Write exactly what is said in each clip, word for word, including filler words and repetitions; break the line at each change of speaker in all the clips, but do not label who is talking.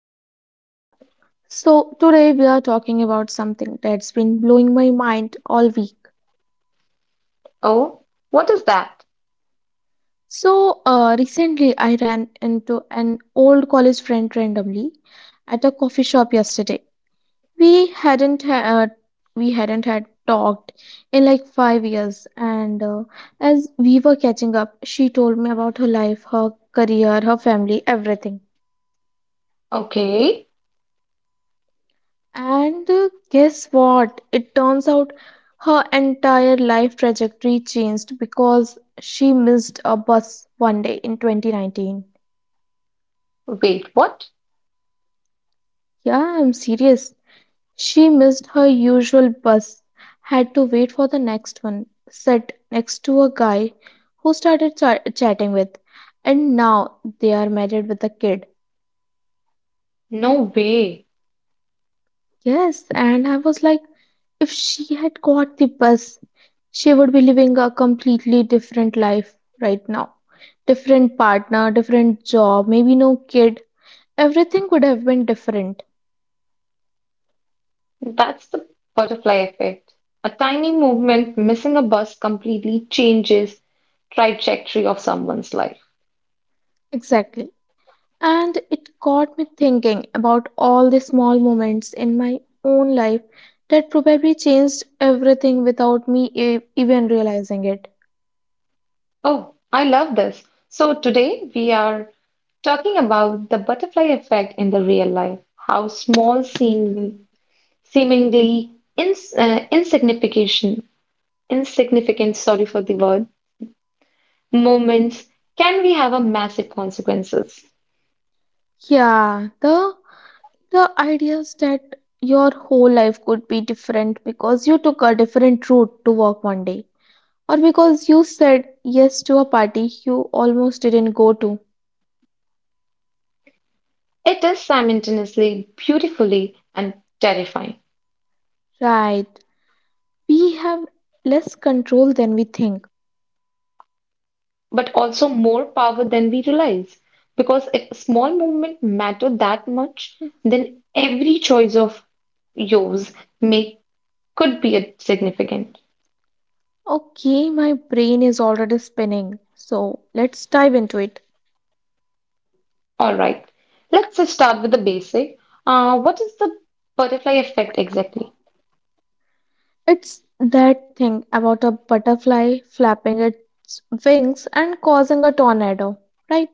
host, Kavita. So today we are talking about something that's been blowing my mind all week.
Oh, what is that?
So, uh, recently I ran into an old college friend randomly at a coffee shop yesterday. We hadn't had we hadn't had talked in like five years, and uh, as we were catching up, she told me about her life, her career, her family, everything.
Okay,
And uh, guess what? It turns out her entire life trajectory changed because she missed a bus one day in twenty nineteen.
wait, what?
Yeah, I'm serious. She missed her usual bus, had to wait for the next one, sat next to a guy who started cha- chatting with, and now they are married with a kid.
No way.
Yes, and I was like, if she had caught the bus, she would be living a completely different life right now. Different partner, different job, maybe no kid. Everything would have been different.
That's the butterfly effect. A tiny movement missing a bus completely changes trajectory of someone's life.
Exactly. And it got me thinking about all the small moments in my own life that probably changed everything without me e- even realizing it.
Oh, I love this. So today we are talking about the butterfly effect in the real life, how small seem, seemingly ins uh, insignificant insignificant, sorry for the word, moments can we have a massive consequences.
Yeah, the the ideas that your whole life could be different because you took a different route to work one day, or because you said yes to a party you almost didn't go to.
It is simultaneously beautifully and terrifying,
Right. We have less control than we think.
but also more power than we realize. Because if a small movement matter that much,
Hmm.
then every choice of yours may could be a significant.
Okay, my brain is already spinning. So let's dive into it.
All right, let's just start with the basic. Uh, what is the butterfly effect exactly?
It's that thing about a butterfly flapping its wings and causing a tornado, right?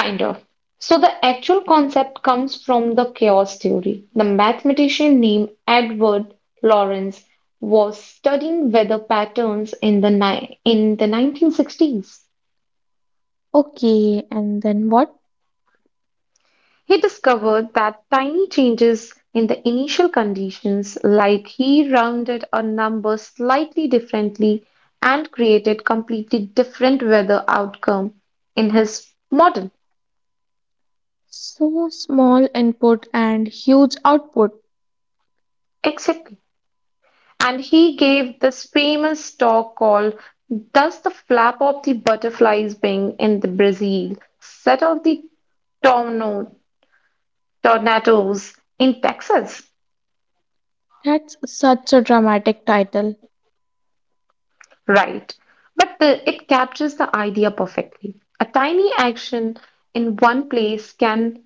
Kind of. So the actual concept comes from the chaos theory. The mathematician named Edward Lawrence was studying weather patterns in the ni- in the nineteen sixties.
Okay, and then what?
He discovered that tiny changes in the initial conditions, like he rounded a number slightly differently and created completely different weather outcome in his model.
So small input and huge output.
Exactly. And he gave this famous talk called Does the Flap of the Butterfly's Wing in the Brazil Set Off the Torno- Tornadoes in Texas?
That's such a dramatic title.
Right. But the, it captures the idea perfectly. A tiny action in one place can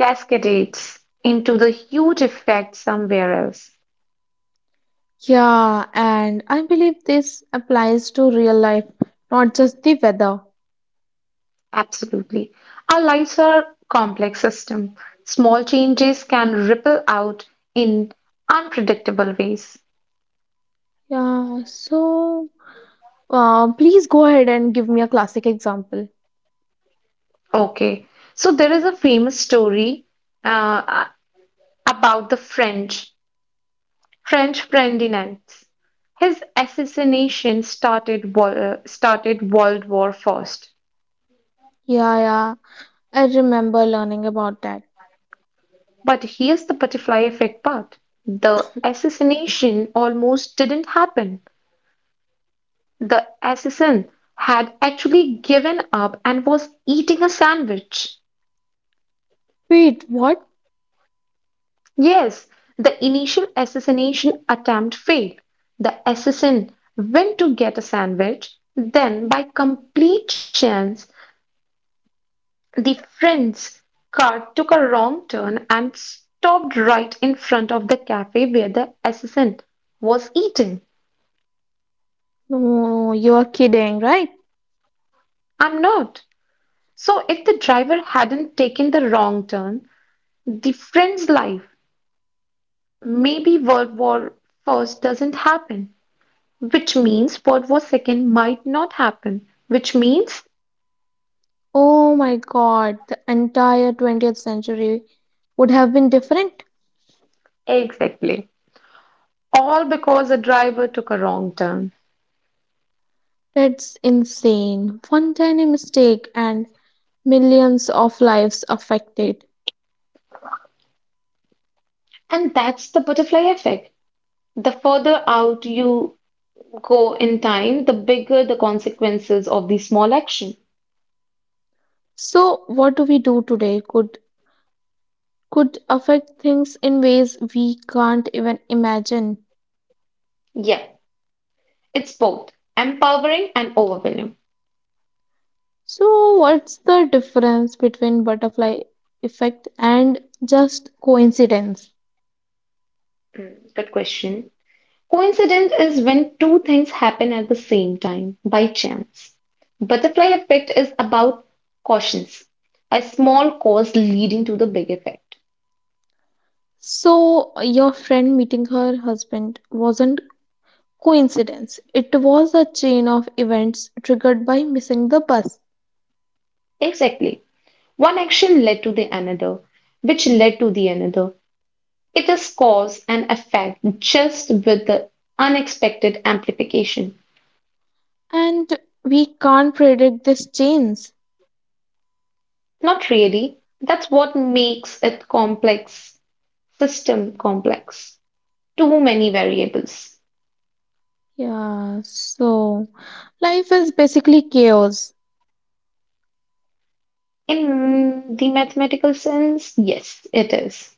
cascade into the huge effect somewhere else.
Yeah, and I believe this applies to real life, not just the weather.
Absolutely. Our lives are complex system. Small changes can ripple out in unpredictable ways.
Yeah, so, uh, please go ahead and give me a classic example.
Okay. So there is a famous story uh, about the French, French Ferdinand. His assassination started wo- uh, started World War First.
Yeah, yeah, I remember learning about that.
But here's the butterfly effect part. The assassination almost didn't happen. The assassin had actually given up and was eating a sandwich.
Wait, what?
Yes, the initial assassination attempt failed. The assassin went to get a sandwich. Then, by complete chance, the friend's car took a wrong turn and stopped right in front of the cafe where the assassin was eating.
No, you are kidding, right?
I'm not. So, if the driver hadn't taken the wrong turn, the friend's life. Maybe World War First doesn't happen, which means World War Second might not happen, which means
Oh my God, the entire twentieth century would have been different.
exactly. All because a driver took a wrong turn.
That's insane. One tiny mistake and millions of lives affected.
And that's the butterfly effect. The further out you go in time, the bigger the consequences of the small action.
So what do we do today? Could could affect things in ways we can't even imagine.
Yeah, it's both empowering and overwhelming.
So what's the difference between butterfly effect and just coincidence?
Hmm, good question. Coincidence is when two things happen at the same time by chance. Butterfly effect is about cautions, a small cause leading to the big effect.
So your friend meeting her husband wasn't coincidence. It was a chain of events triggered by missing the bus.
Exactly. One action led to the another, which led to the another. It is cause and effect just with the unexpected amplification.
And we can't predict these chains.
Not really. That's what makes it complex, system complex. Too many variables.
Yeah, so life is basically chaos.
In the mathematical sense, yes, it is.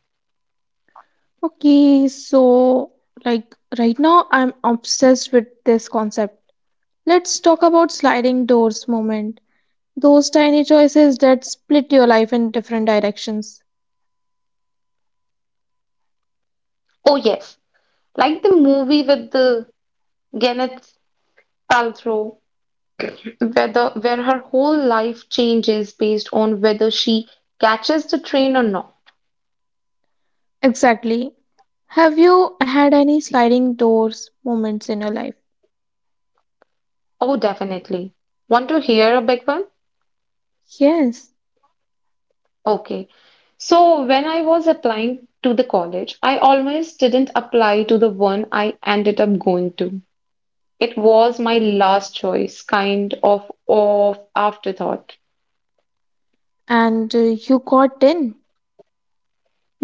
Okay, so, like, right now I'm obsessed with this concept. Let's talk about sliding doors moment. Those tiny choices that split your life in different directions.
Oh, yes. Like the movie with the Gwyneth Paltrow, where, the, where her whole life changes based on whether she catches the train or not.
Exactly. Have you had any sliding doors moments in your life?
Oh, definitely. Want to hear a big one?
Yes.
Okay. So, when I was applying to the college, I almost didn't apply to the one I ended up going to. It was my last choice, kind of of afterthought.
And uh, you got in.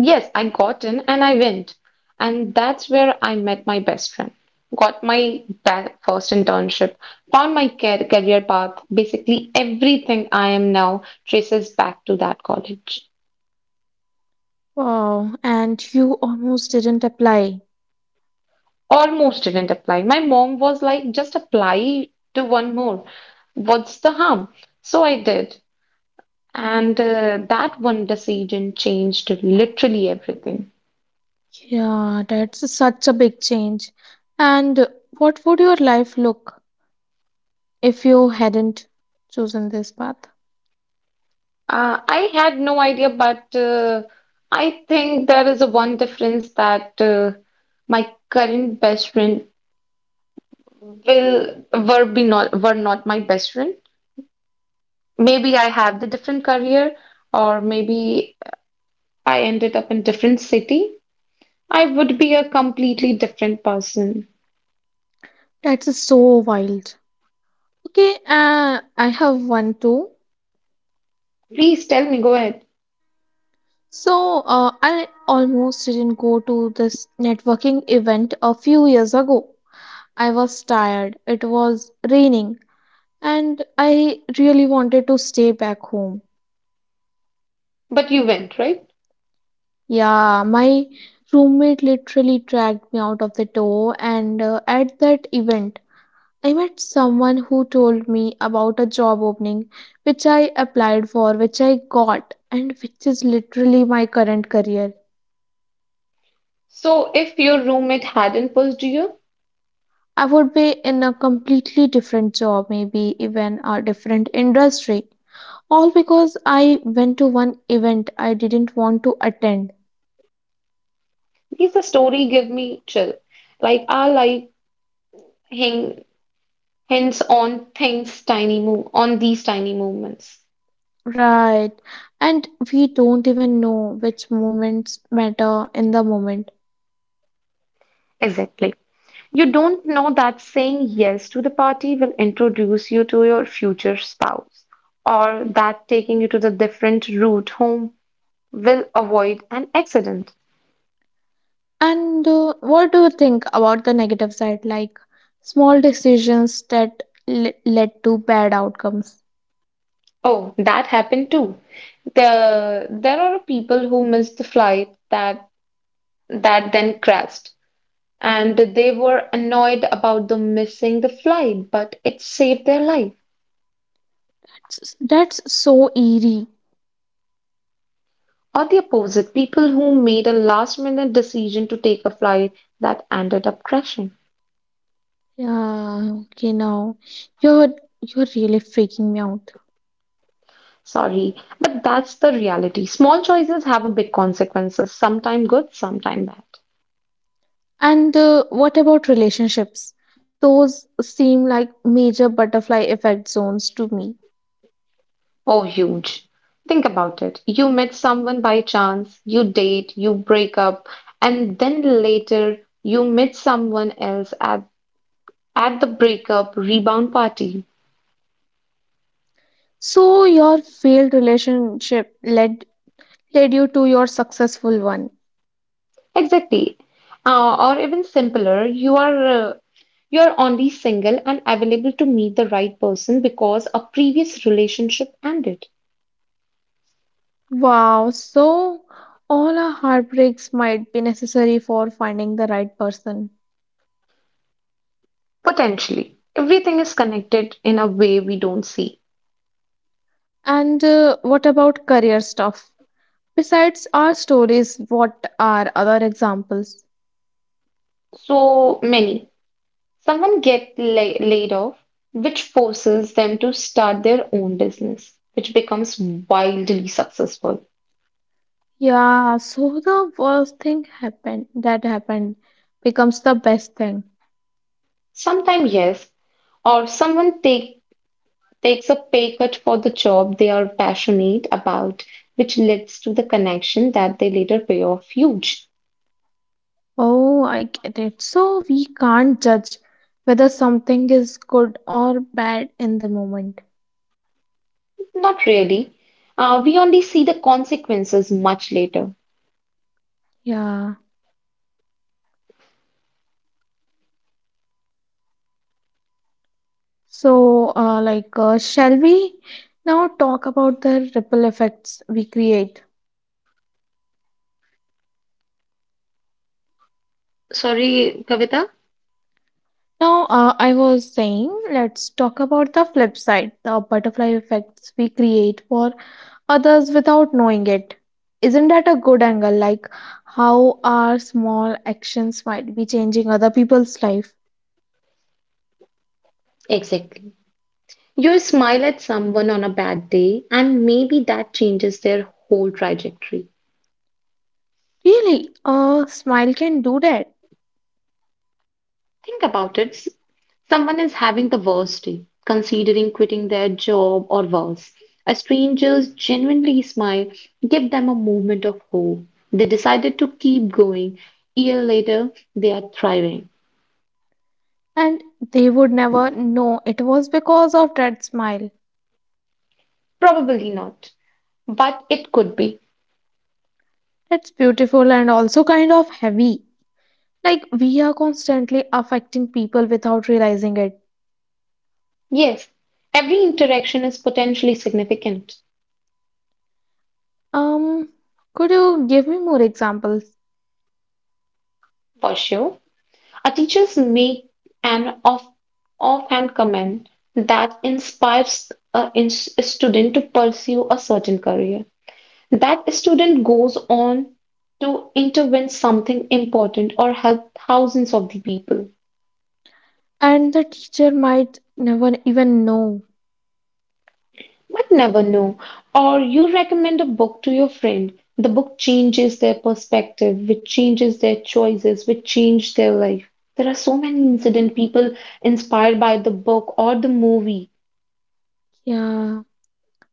Yes, I got in and I went. And that's where I met my best friend. Got my ba- first internship, found my car- career path. Basically, everything I am now traces back to that college.
Wow. And you almost didn't apply.
Almost didn't apply. My mom was like, just apply to one more. What's the harm? So I did. And uh, that one decision changed literally everything.
Yeah, that's such a big change. And what would your life look if you hadn't chosen this path?
Uh, I had no idea, but uh, I think there is a one difference that uh, my current best friend will were be not were not my best friend. Maybe I have the different career, or maybe I ended up in different city. I would be a completely different person.
That's so wild. Okay, uh, I have one too.
Please tell me, go ahead.
So uh, I almost didn't go to this networking event a few years ago. I was tired, it was raining, and I really wanted to stay back home.
But you went, right?
Yeah, my roommate literally dragged me out of the door, and uh, at that event, I met someone who told me about a job opening which I applied for, which I got, and which is literally my current career.
So if your roommate hadn't pushed you,
I would be in a completely different job, maybe even a different industry, all because I went to one event I didn't want to attend.
please the story give me chill. Like I'll like hang. Hence, on things tiny move on these tiny movements.
Right. And we don't even know which moments matter in the moment.
Exactly. You don't know that saying yes to the party will introduce you to your future spouse, or that taking you to the different route home will avoid an accident.
And uh, what do you think about the negative side, like small decisions that le- led to bad outcomes?
Oh, that happened too. The there are people who missed the flight that that then crashed, and they were annoyed about the missing the flight, but it saved their life.
S- That's so eerie.
Or the opposite, people who made a last minute decision to take a flight that ended up crashing.
Yeah, okay, now you're you're really freaking me out.
Sorry, but that's the reality. Small choices have a big consequences, sometime good, sometime bad.
And uh, what about relationships? Those seem like major butterfly effect zones to me.
Oh, huge. Think about it. You met someone by chance, you date, you break up, and then later you meet someone else at, at the breakup rebound party.
So your failed relationship led led you to your successful one.
Exactly. Uh, or even simpler, you are uh, you're only single and available to meet the right person because a previous relationship ended.
Wow, so all our heartbreaks might be necessary for finding the right person.
Potentially. Everything is connected in a way we don't see.
And uh, what about career stuff? Besides our stories, what are other examples?
So many. Someone get la- laid off, which forces them to start their own business, which becomes wildly successful.
Yeah, so the worst thing happened that happened becomes the best thing.
Sometimes yes, or someone take, takes a pay cut for the job they are passionate about, which leads to the connection that they later pay off huge.
Oh, I get it. So we can't judge whether something is good or bad in the moment.
Not really. Uh, we only see the consequences much later.
Yeah. So, uh, like, uh, shall we now talk about the ripple effects we create?
Sorry, Kavita.
Now, uh, I was saying, let's talk about the flip side, the butterfly effects we create for others without knowing it. Isn't that a good angle? Like, how our small actions might be changing other people's life?
Exactly. You smile at someone on a bad day, and maybe that changes their whole trajectory.
Really, a smile can do that,
Think about it. S- Someone is having the worst day, considering quitting their job or worse. A stranger's genuinely smile give them a moment of hope. They decided to keep going. A year later, they are thriving.
and they would never know it was because of that smile.
Probably not, but it could be.
It's beautiful and also kind of heavy. Like we are constantly affecting people without realizing it.
Yes, every interaction is potentially significant.
Um, could you give me more examples?
For sure, our teachers make an off offhand comment that inspires a, in- a student to pursue a certain career. That student goes on to intervene something important or help thousands of the people.
And the teacher might never even know.
But never know. Or you recommend a book to your friend. The book changes their perspective, which changes their choices, which change their life. There are so many incident people inspired by the book or the movie
Yeah.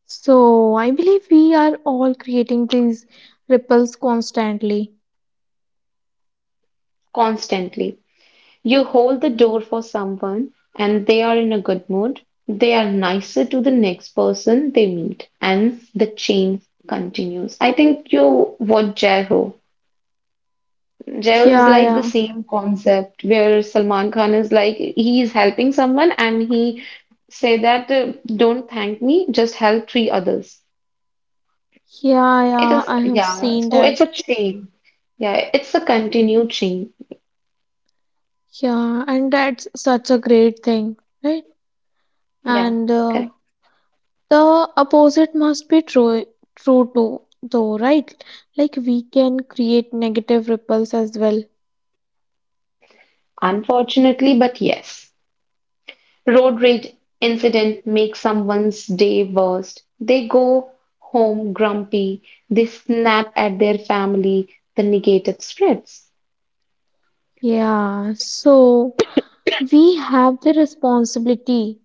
So I believe we are all creating these ripples constantly.
constantly. You hold the door for someone and they are in a good mood. They are nicer to the next person they meet, and the chain continues. I think you watch Jaiho. Jail is
Yeah,
like the
yeah.
same concept where Salman Khan is like he is helping someone and he say that uh, don't thank me, just help three others.
Yeah,
It
yeah.
is
I have
yeah,
seen
so it's a
that.
chain. Yeah, it's a continued chain.
Yeah, and that's such a great thing, right?
Yeah,
And uh,
correct.
the opposite must be true true too though, right? Like we can create negative ripples as well.
Unfortunately, but yes. Road rage incident makes someone's day worst. They go home grumpy, they snap at their family, the negative spreads.
Yeah, so we have the responsibility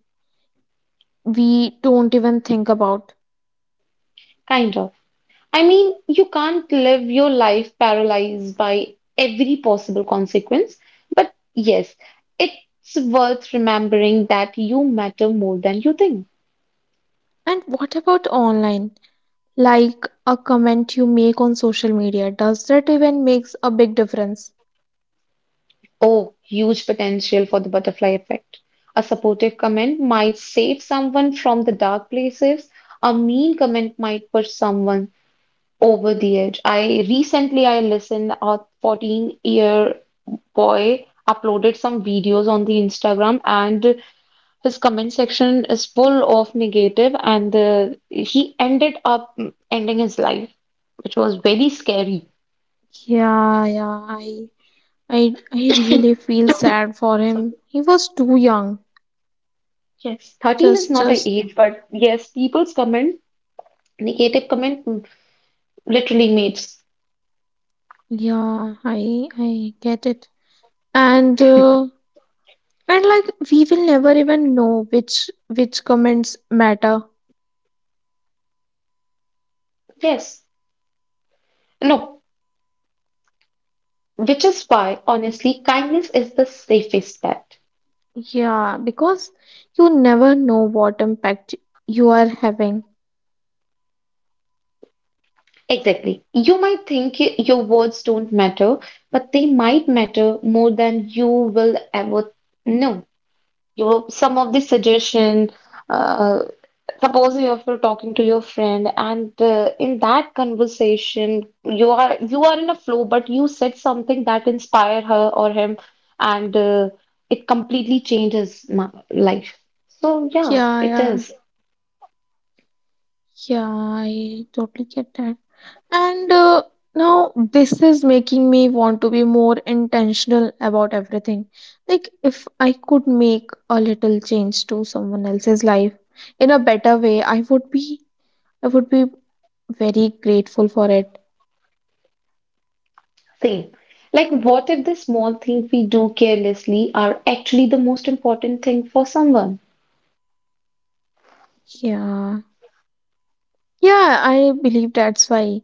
we don't even think about.
Kind of. I mean, you can't live your life paralyzed by every possible consequence, but yes, it's worth remembering that you matter more than you think.
And what about online? Like a comment you make on social media, does that even makes a big difference?
Oh, huge potential for the butterfly effect. A supportive comment might save someone from the dark places. A mean comment might push someone over the edge. I recently I listened a fourteen year boy uploaded some videos on the Instagram and his comment section is full of negative, and the, he ended up ending his life, which was very scary.
Yeah, yeah, I I I really feel sad for
So
him. He was too young.
yes. thirteen is
Just
not a
just
age, but yes, people's comment, negative comment, mm, literally means
yeah, I I get it. And uh, and like we will never even know which which comments matter.
yes. No, which is why, honestly, kindness is the safest bet.
Yeah, because you never know what impact you are having.
Exactly. You might think y- your words don't matter, but they might matter more than you will ever know. You some of the suggestion uh, suppose you are talking to your friend and uh, in that conversation you are you are in a flow but you said something that inspired her or him and uh, it completely changes my life, so yeah
Yeah,
it
yeah.
is
Yeah, I totally get that. And uh, now this is making me want to be more intentional about everything. Like if I could make a little change to someone else's life in a better way, I would be I would be very grateful for it.
same. Like what if the small thing we do carelessly are actually the most important thing for someone?
Yeah. Yeah, I believe that's why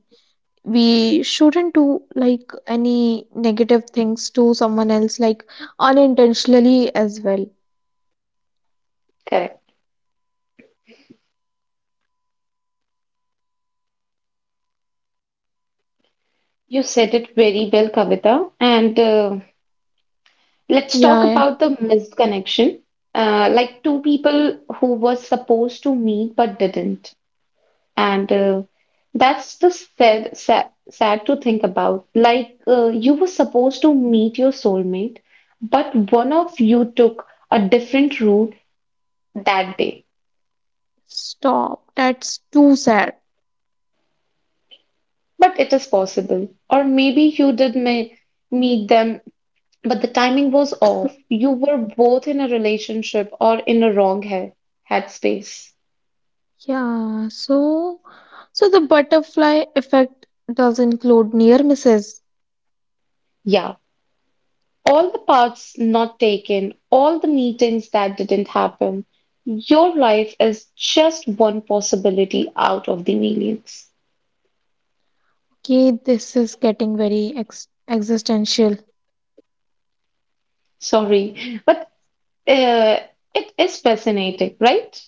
we shouldn't do like any negative things to someone else, like unintentionally as well.
Correct. You said it very well, Kavita. And uh, let's talk
Yeah, yeah.
about the missed connection, uh, like two people who were supposed to meet but didn't. And uh, that's the sad, sad, sad to think about. Like uh, you were supposed to meet your soulmate, but one of you took a different route that day.
Stop. That's too sad.
But it is possible. Or maybe you did me meet them, but the timing was off. You were both in a relationship or in a wrong he- headspace.
Yeah, so so the butterfly effect does include near misses.
Yeah. All the paths not taken, all the meetings that didn't happen. Your life is just one possibility out of the millions.
Okay, this is getting very ex existential.
Sorry, but uh, it is fascinating, right?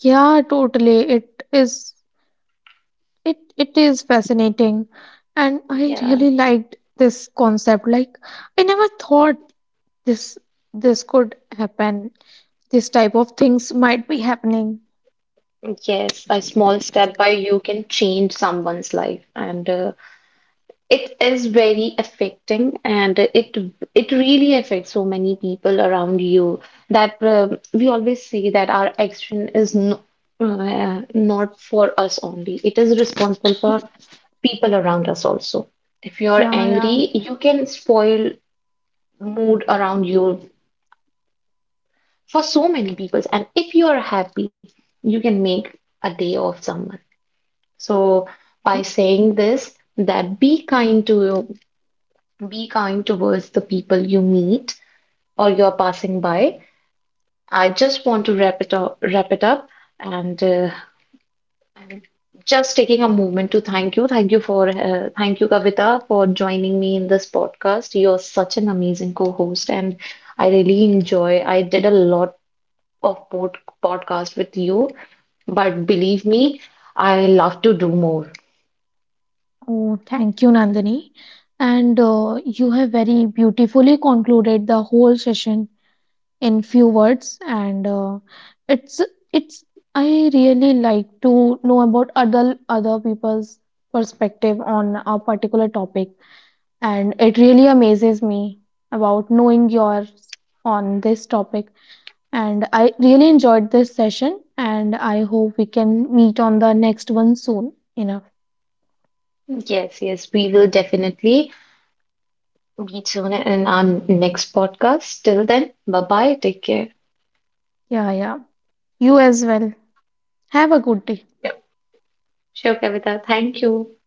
Yeah, totally. It is It it is fascinating, and I
Yeah,
really liked this concept. Like I never thought this this could happen. This type of things might be happening.
yes, a small step by you can change someone's life. And uh, it is very affecting and it it really affects so many people around you that um we always say that our action is no, uh, not for us only. It is responsible for people around us also. If you're
Yeah,
angry,
yeah.
you can spoil mood around you for so many people. And if you're happy, you can make a day of someone. So
Y-
by saying this, that be kind to. Be kind towards the people you meet or you're passing by. I just want to wrap it up, wrap it up, and uh, I'm just taking a moment to thank you, thank you for, uh, thank you, Kavita, for joining me in this podcast. You're such an amazing co-host, and I really enjoy. I did a lot of pod podcast with you, but believe me, I love to do more.
Oh, thank you, Nandini. And uh, you have very beautifully concluded the whole session in few words, and uh, it's it's. I really like to know about other other people's perspective on a particular topic, and it really amazes me about knowing yours on this topic, and I really enjoyed this session, and I hope we can meet on the next one soon enough.
Yes, yes, we will definitely. Be tune in on next podcast. Till then, bye bye. Take care.
Yeah, yeah, you as well. Have a good day.
Yep. Sure, Kavita. Thank you.